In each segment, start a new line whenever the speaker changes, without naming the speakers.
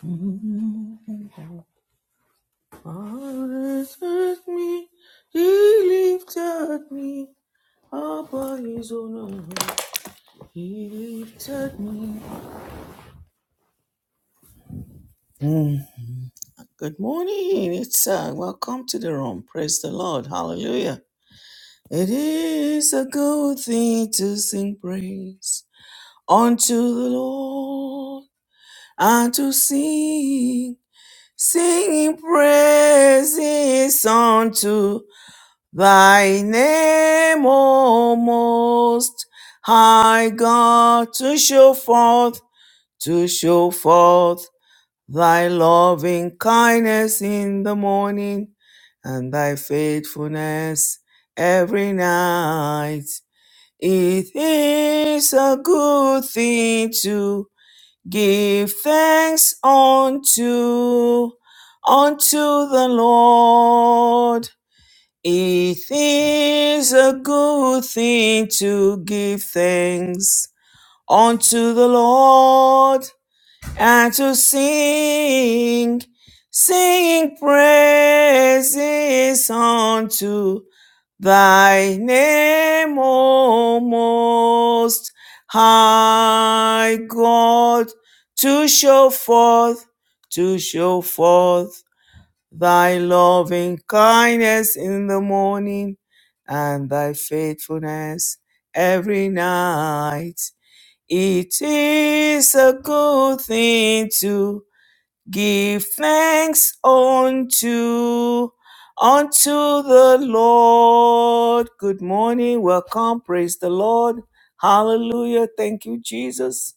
Always me, he lifted me up his own He lifted me. Mm. Good morning, it's uh, welcome to the room. Praise the Lord, Hallelujah! It is a good thing to sing praise unto the Lord and to sing. Sing praises unto thy name, O most high God, to show forth, to show forth thy loving kindness in the morning and thy faithfulness every night. It is a good thing to Give thanks unto unto the Lord. It is a good thing to give thanks unto the Lord and to sing, sing praises unto Thy name, O most high God, to show forth, to show forth thy loving kindness in the morning and thy faithfulness every night. It is a good thing to Give thanks unto unto the Lord. Good morning. Welcome. Praise the Lord. Hallelujah. Thank you, Jesus.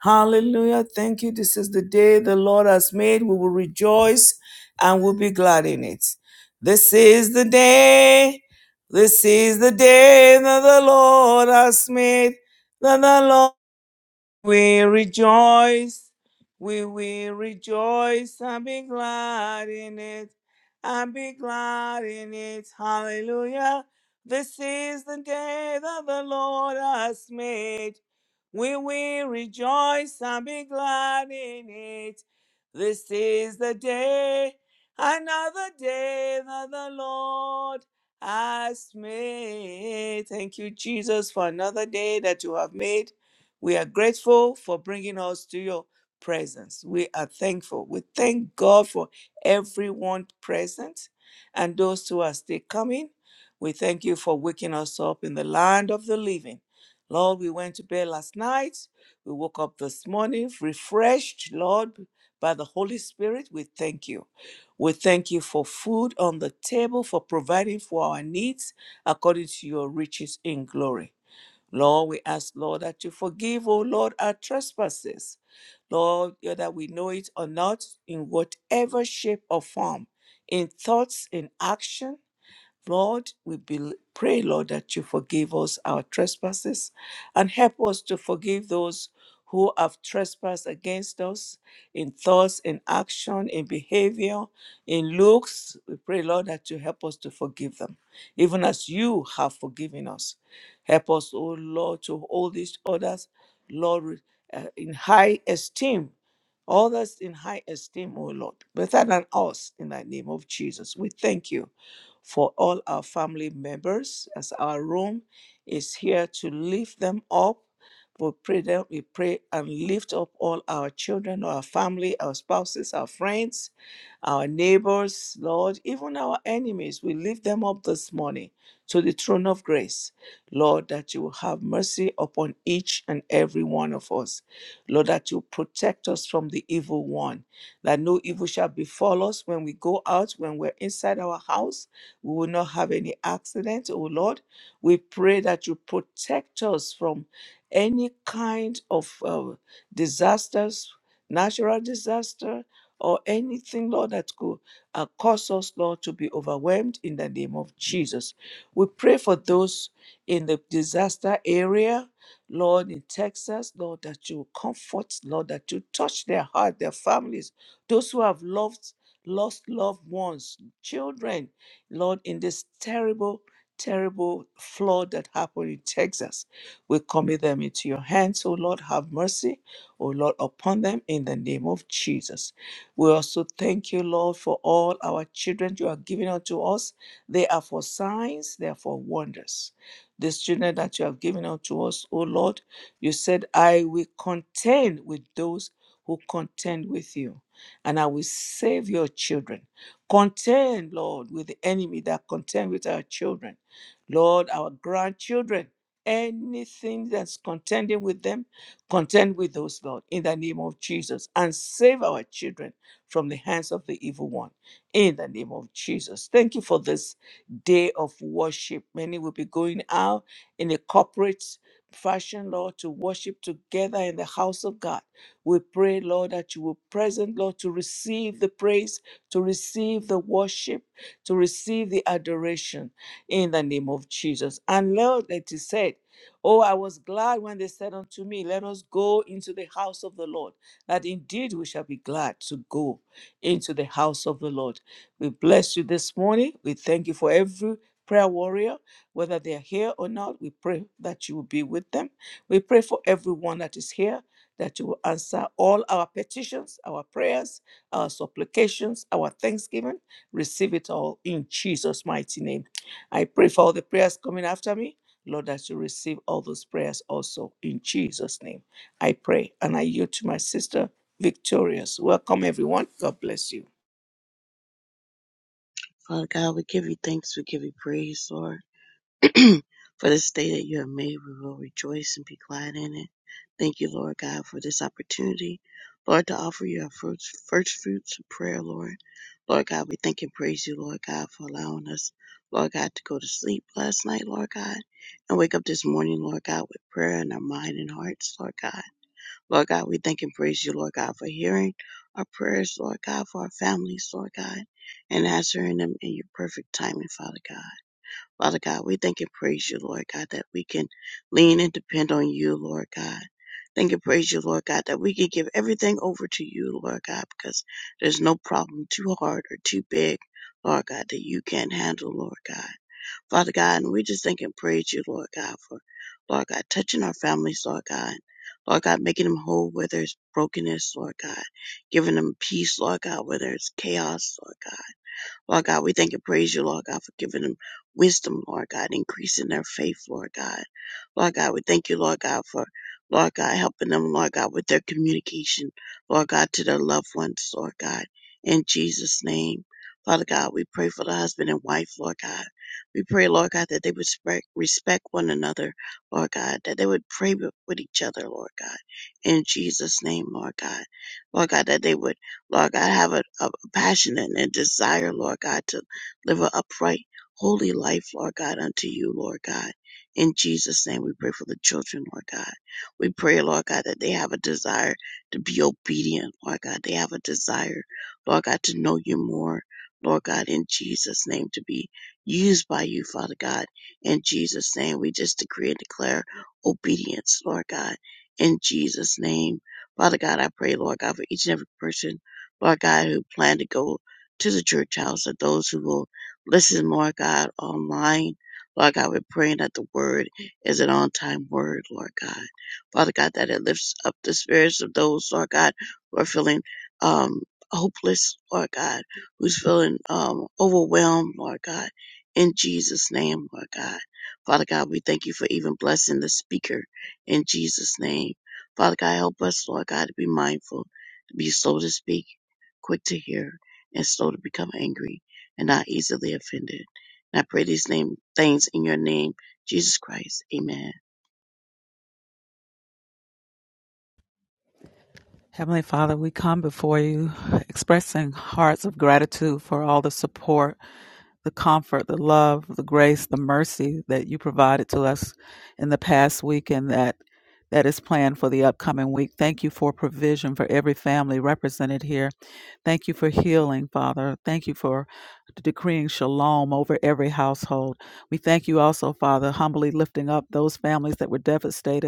Hallelujah. Thank you. This is the day the Lord has made. We will rejoice and we'll be glad in it. This is the day. This is the day that the Lord has made. That the Lord we rejoice, we will rejoice and be glad in it, and be glad in it. Hallelujah. This is the day that the Lord has made. We will rejoice and be glad in it. This is the day, another day that the Lord has made. Thank you, Jesus, for another day that you have made we are grateful for bringing us to your presence. We are thankful. We thank God for everyone present and those who are still coming. We thank you for waking us up in the land of the living. Lord, we went to bed last night. We woke up this morning refreshed, Lord, by the Holy Spirit. We thank you. We thank you for food on the table, for providing for our needs according to your riches in glory. Lord, we ask, Lord, that you forgive, oh Lord, our trespasses. Lord, whether we know it or not, in whatever shape or form, in thoughts, in action, Lord, we bel pray, Lord, that you forgive us our trespasses and help us to forgive those who have trespassed against us in thoughts, in action, in behavior, in looks. We pray, Lord, that you help us to forgive them, even as you have forgiven us. Help us, O Lord, to hold each others, Lord, uh, in high esteem others in high esteem, O Lord, better than us in the name of Jesus. We thank you for all our family members as our room is here to lift them up. We pray that we pray and lift up all our children, our family, our spouses, our friends, our neighbors, Lord, even our enemies. We lift them up this morning to the throne of grace. Lord, that you will have mercy upon each and every one of us. Lord, that you protect us from the evil one, that no evil shall befall us when we go out, when we're inside our house we will not have any accident, oh Lord. We pray that you protect us from any kind of uh, disasters, natural disaster, or anything, Lord, that could uh, cause us, Lord, to be overwhelmed in the name of Jesus. We pray for those in the disaster area, Lord, in Texas, Lord, that you comfort, Lord, that you touch their heart, their families, those who have loved, lost loved ones, children, Lord, in this terrible, terrible flood that happened in Texas, we commit them into your hands. Oh Lord, have mercy, oh Lord, upon them in the name of Jesus. We also thank you, Lord, for all our children you are giving unto us. They are for signs, they are for wonders. These children that you have given unto us, oh Lord, you said, I will contend with those who contend with you, and I will save your children. Contend, Lord, with the enemy that contend with our children, Lord, our grandchildren. Anything that's contending with them, contend with those, Lord, in the name of Jesus, and save our children from the hands of the evil one, in the name of Jesus. Thank you for this day of worship. Many will be going out in a corporate fashion, Lord, to worship together in the house of God. We pray, Lord, that you will present, Lord, to receive the praise to receive the worship, to receive the adoration in the name of Jesus. And Lord, it is said, Oh, I was glad when they said unto me, Let us go into the house of the Lord, that indeed we shall be glad to go into the house of the Lord. We bless you this morning. We thank you for every prayer warrior, whether they are here or not. We pray that you will be with them. We pray for everyone that is here, that you will answer all our petitions, our prayers our supplications, our thanksgiving. Receive it all in Jesus' mighty name. I pray for all the prayers coming after me. Lord, that you receive all those prayers also in Jesus' name. I pray and I yield to my sister, Victorious. Welcome, everyone. God bless you.
Father God, we give you thanks, we give you praise, Lord, for this day that you have made. We will rejoice and be glad in it. Thank you, Lord God, for this opportunity, Lord, to offer you our first, first fruits of prayer, Lord. Lord God, we thank and praise you, Lord God, for allowing us, Lord God, to go to sleep last night, Lord God, and wake up this morning, Lord God, with prayer in our mind and hearts, Lord God. Lord God, we thank and praise you, Lord God, for hearing our prayers, Lord God, for our families, Lord God, and answering them in your perfect timing, Father God. Father God, we thank and praise you, Lord God, that we can lean and depend on you, Lord God. Thank and praise you, Lord God, that we can give everything over to you, Lord God, because there's no problem too hard or too big, Lord God, that you can't handle, Lord God. Father God, and we just thank and praise you, Lord God, for, Lord God, touching our families, Lord God. Lord God, making them whole where there's brokenness, Lord God. Giving them peace, Lord God, where there's chaos, Lord God. Lord God, we thank and praise you, Lord God, for giving them wisdom, Lord God, increasing their faith, Lord God. Lord God, we thank you, Lord God, for Lord God, helping them, Lord God, with their communication, Lord God, to their loved ones, Lord God. In Jesus' name, Father God, we pray for the husband and wife, Lord God. We pray, Lord God, that they would respect, one another, Lord God, that they would pray with each other, Lord God. In Jesus' name, Lord God. Lord God, that they would Lord God, have a, a passion and a desire, Lord God, to live an upright, holy life, Lord God, unto you, Lord God. In Jesus' name, we pray for the children, Lord God. We pray, Lord God, that they have a desire to be obedient, Lord God. They have a desire, Lord God, to know you more, Lord God, in Jesus' name, to be used by you, Father God. In Jesus' name, we just decree and declare obedience, Lord God. In Jesus' name, Father God, I pray, Lord God, for each and every person Lord God, who plan to go to the church house and those who will listen, Lord God, online. Lord God, we're praying that the word is an on time word, Lord God. Father God, that it lifts up the spirits of those, Lord God, who are feeling um, hopeless, Lord God, who's feeling um, overwhelmed, Lord God, in Jesus' name, Lord God. Father God, we thank you for even blessing the speaker in Jesus' name. Father God, help us, Lord God, to be mindful, to be slow to speak quick to hear, and slow to become angry, and not easily offended. And I pray these name, things in your name, Jesus Christ. Amen.
Heavenly Father, we come before you expressing hearts of gratitude for all the support, the comfort, the love, the grace, the mercy that you provided to us in the past week and that that is planned for the upcoming week. Thank you for provision for every family represented here. Thank you for healing, Father. Thank you for decreeing shalom over every household. We thank you also, Father, humbly lifting up those families that were devastated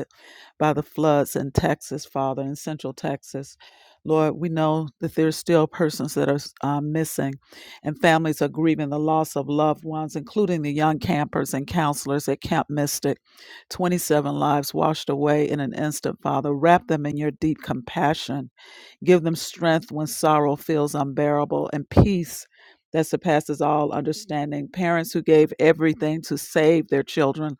by the floods in Texas, Father, in Central Texas. Lord, we know that there's still persons that are uh, missing, and families are grieving the loss of loved ones, including the young campers and counselors at Camp Mystic. 27 lives washed away in an instant, Father. Wrap them in your deep compassion. Give them strength when sorrow feels unbearable and peace that surpasses all understanding. Parents who gave everything to save their children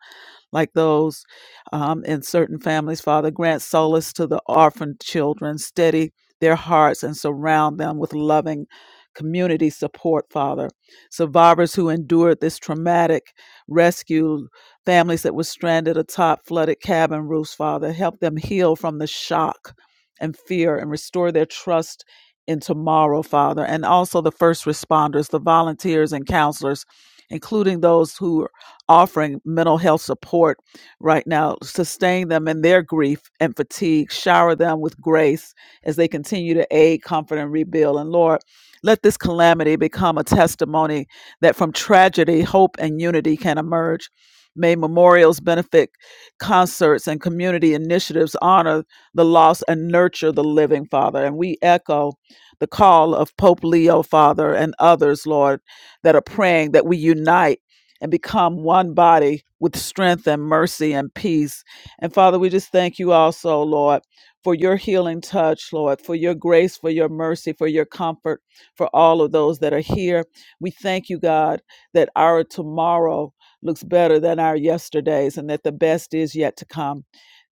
like those um, in certain families. Father, grant solace to the orphaned children, steady their hearts, and surround them with loving community support, Father. Survivors who endured this traumatic rescue, families that were stranded atop flooded cabin roofs, Father, help them heal from the shock and fear and restore their trust. In tomorrow, Father, and also the first responders, the volunteers and counselors, including those who offering mental health support right now. Sustain them in their grief and fatigue. Shower them with grace as they continue to aid, comfort, and rebuild. And Lord, let this calamity become a testimony that from tragedy, hope and unity can emerge. May memorials, benefit concerts, and community initiatives honor the lost and nurture the living, Father. And we echo the call of Pope Leo, Father, and others, Lord, that are praying that we unite and become one body with strength and mercy and peace. And Father, we just thank you also, Lord, for your healing touch, Lord, for your grace, for your mercy, for your comfort, for all of those that are here. We thank you, God, that our tomorrow looks better than our yesterdays and that the best is yet to come.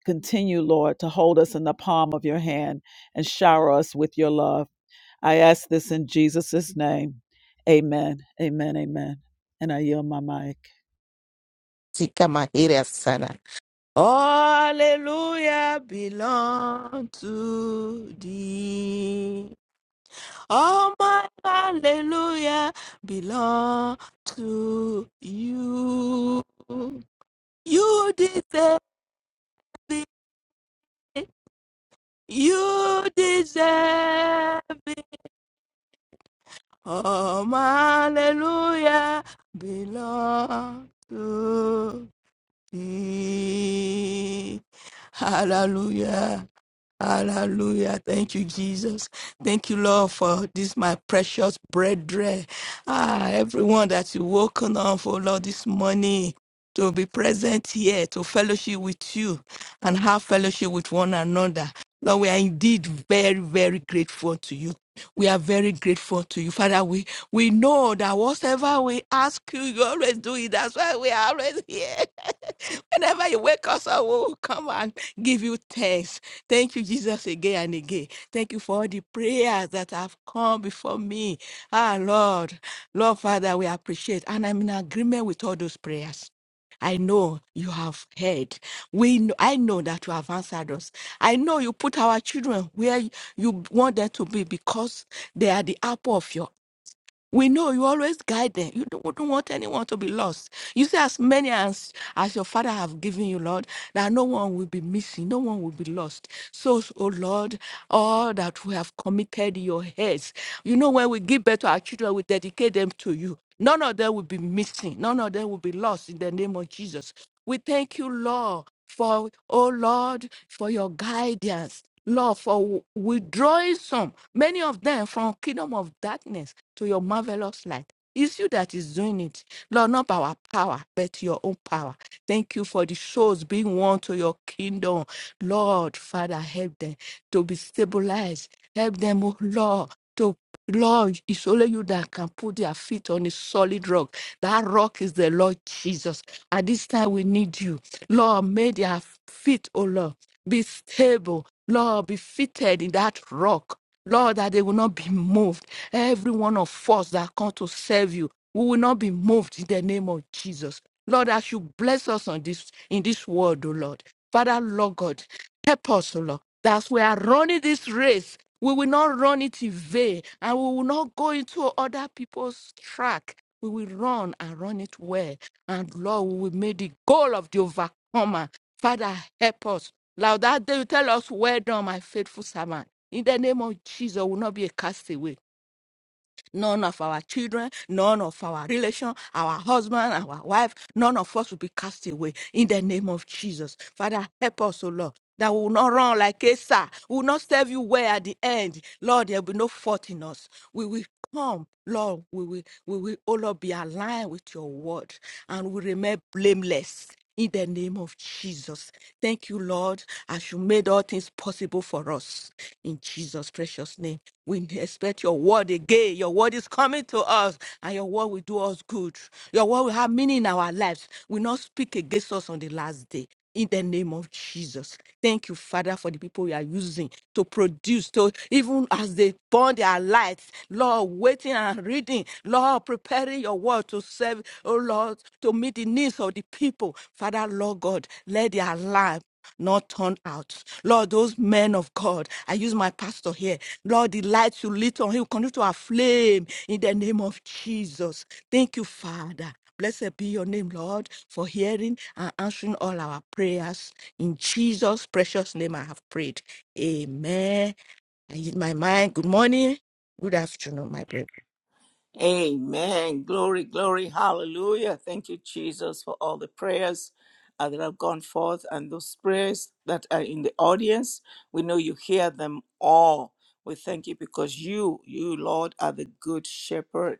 Continue, Lord, to hold us in the palm of your hand and shower us with your love. I ask this in Jesus' name. Amen. Amen. Amen. And I yield my mic.
Sika Mahira Sana. Hallelujah belong to thee. All my hallelujah belong to you. You deserve it. You deserve it. Oh, my hallelujah belong to thee. Hallelujah. Hallelujah. Thank you, Jesus. Thank you, Lord, for this, my precious brethren. Ah, everyone that you woken up for, Lord, this morning to be present here, to fellowship with you and have fellowship with one another. Lord, we are indeed very, very grateful to you. We are very grateful to you. Father, we, we know that whatever we ask you, you always do it. That's why we are always here. Whenever you wake us up, we will come and give you thanks. Thank you, Jesus, again and again. Thank you for all the prayers that have come before me. Ah, Lord, Lord Father, we appreciate. And I'm in agreement with all those prayers. I know you have heard. We, kn- I know that you have answered us. I know you put our children where you want them to be because they are the apple of your we know you always guide them. You don't, don't want anyone to be lost. You say, as many as, as your Father have given you, Lord, that no one will be missing, no one will be lost. So, oh Lord, all that we have committed in your hands. You know, when we give birth to our children, we dedicate them to you. None of them will be missing. None of them will be lost in the name of Jesus. We thank you, Lord, for, oh Lord, for your guidance. Lord, for withdrawing some many of them from kingdom of darkness to your marvelous light. It's you that is doing it. Lord, not by our power, but your own power. Thank you for the souls being won to your kingdom. Lord, Father, help them to be stabilized. Help them, oh Lord, to Lord, it's only you that can put their feet on a solid rock. That rock is the Lord Jesus. At this time, we need you. Lord, may their feet, oh Lord, be stable. Lord, be fitted in that rock. Lord, that they will not be moved. Every one of us that come to serve you, we will not be moved in the name of Jesus. Lord, as you bless us on this in this world, O Lord. Father, Lord God, help us, O Lord. That's we are running this race. We will not run it in vain, and we will not go into other people's track. We will run and run it well. And Lord, we will make the goal of the overcomer. Father, help us like that day, you tell us, Well done, my faithful servant. In the name of Jesus, we will not be a castaway. None of our children, none of our relation, our husband, our wife, none of us will be cast away. In the name of Jesus. Father, help us, O Lord. That we will not run like Asa. We will not serve you well at the end. Lord, there will be no fault in us. We will come, Lord. We will, we will, O Lord, be aligned with your word and we remain blameless in the name of Jesus. Thank you, Lord, as you made all things possible for us. In Jesus' precious name, we expect your word again. Your word is coming to us, and your word will do us good. Your word will have meaning in our lives. Will not speak against us on the last day in the name of Jesus. Thank you, Father, for the people you are using to produce, to even as they burn their lights, Lord, waiting and reading, Lord, preparing your word to serve, oh Lord, to meet the needs of the people. Father, Lord God, let their life not turn out. Lord, those men of God, I use my pastor here. Lord, the light you lit on him, continue to our flame in the name of Jesus. Thank you, Father. Blessed be your name, Lord, for hearing and answering all our prayers. In Jesus' precious name, I have prayed. Amen. I yield my mind. Good morning. Good afternoon, my brother.
Amen. Glory, glory, hallelujah. Thank you, Jesus, for all the prayers uh, that have gone forth and those prayers that are in the audience. We know you hear them all. We thank you because you, you, Lord, are the good shepherd.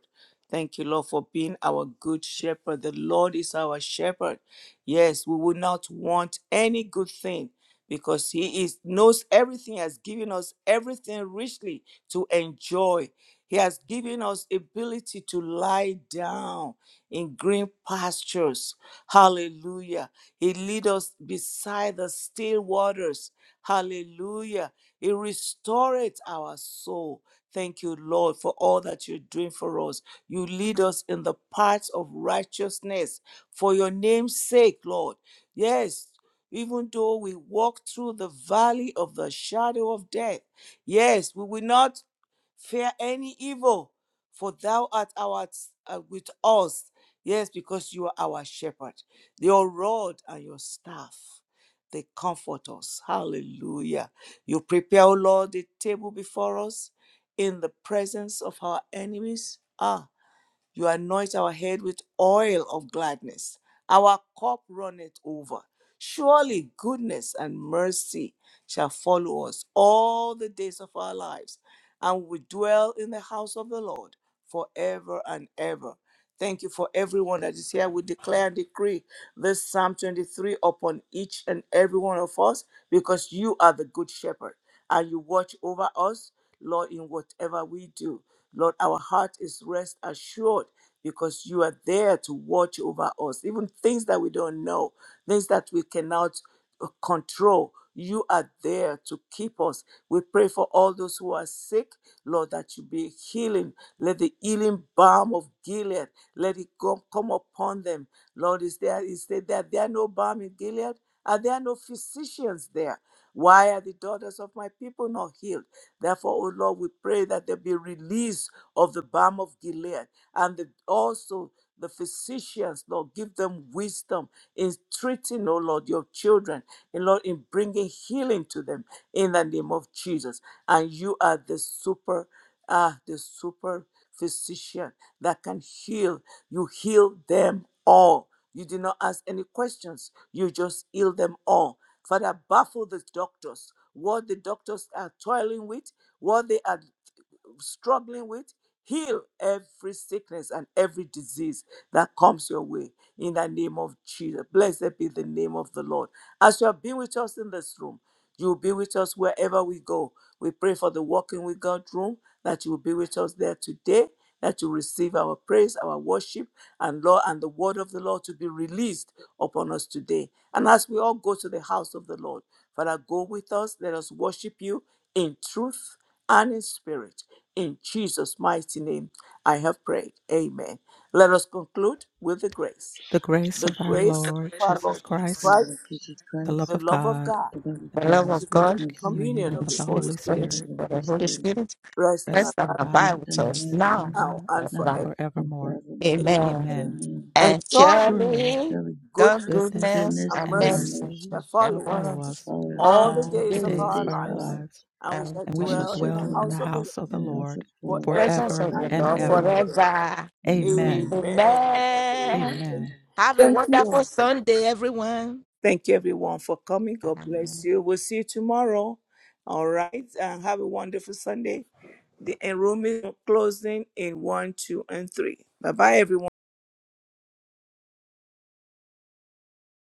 Thank you, Lord, for being our good shepherd. The Lord is our shepherd. Yes, we will not want any good thing because He is knows everything, has given us everything richly to enjoy. He has given us ability to lie down in green pastures. Hallelujah. He lead us beside the still waters. Hallelujah. He restoreth our soul. Thank you, Lord, for all that you're doing for us. You lead us in the paths of righteousness for your name's sake, Lord. Yes, even though we walk through the valley of the shadow of death, yes, we will not fear any evil, for thou art our, uh, with us. Yes, because you are our shepherd. Your rod and your staff, they comfort us. Hallelujah. You prepare, O Lord, the table before us in the presence of our enemies. Ah. You anoint our head with oil of gladness. Our cup runneth over. Surely goodness and mercy shall follow us all the days of our lives, and we dwell in the house of the Lord forever and ever. Thank you for everyone that is here. We declare and decree this Psalm 23 upon each and every one of us because you are the good shepherd and you watch over us, Lord, in whatever we do. Lord, our heart is rest assured because you are there to watch over us, even things that we don't know, things that we cannot uh, control. You are there to keep us. We pray for all those who are sick, Lord, that you be healing. Let the healing balm of Gilead let it go, come upon them. Lord, is there is there, there, there are no balm in Gilead? Are there no physicians there? Why are the daughters of my people not healed? Therefore, O Lord, we pray that there be release of the balm of Gilead and the, also the physicians, Lord, give them wisdom in treating, O Lord, your children, and Lord, in bringing healing to them in the name of Jesus. And you are the super, ah, the super physician that can heal. You heal them all. You did not ask any questions. You just heal them all. Father, baffle the doctors. What the doctors are toiling with, what they are struggling with, heal every sickness and every disease that comes your way in the name of Jesus. Blessed be the name of the Lord. As you have been with us in this room, you will be with us wherever we go. We pray for the Walking with God room that you will be with us there today, that you receive our praise, our worship, and Lord, and the word of the Lord to be released upon us today. And as we all go to the house of the Lord, Father, go with us. Let us worship you in truth and in spirit. In Jesus' mighty name, I have prayed. Amen. Let us conclude with the grace.
The grace
The
of our
grace
Lord
of our
Jesus
Lord Jesus
Christ,
the
Christ,
Lord Jesus
the love
Christ,
the
of
love of
God,
God
the love of
and
The
the
love
God,
the
of
sweet
God
sweet
mercy
communion
communion
and the
of
of
the
the
Holy
sweet
Holy
Spirit
of
fellowship
Spirit
the
of
Holy
the Holy
Spirit,
Spirit
rest and
rest
rest and
and
abide
abide
rest
abide
with
with
and
us
us
abide
with us
with
now
us
now
now
and
and
now
and
forever.
forever.
and
forevermore.
forevermore.
Amen.
Amen.
Amen.
Amen.
And
And
And
surely
surely
surely
Surely
God's
goodness
goodness
goodness
goodness
and
and
and
and
mercy
mercy
mercy
shall
mercy
shall
shall
follow us
follow
follow
shall
us
us
follow us
all
all the
the
all the
days
all
of
the
days
days
our
of
days
our
of our
lives,
lives,
lives,
and we
and
shall
and we
shall
and
shall
we
dwell
shall
in the
dwell
dwell
dwell
in
in
house
the
of the
house of the
Lord
in the house of
Lord
the
God
presence
forever
of
forever
the
and
and
forever
Lord
and
ever.
ever.
ever.
forever.
Amen.
Amen.
Amen.
Amen.
Amen.
Have a
Thank
wonderful
you.
Sunday, everyone.
Thank you, everyone, for coming. God
Amen.
bless you. We'll see you tomorrow. All right. And have a wonderful Sunday. The enrollment closing in 1, 2, and 3. Bye bye, everyone.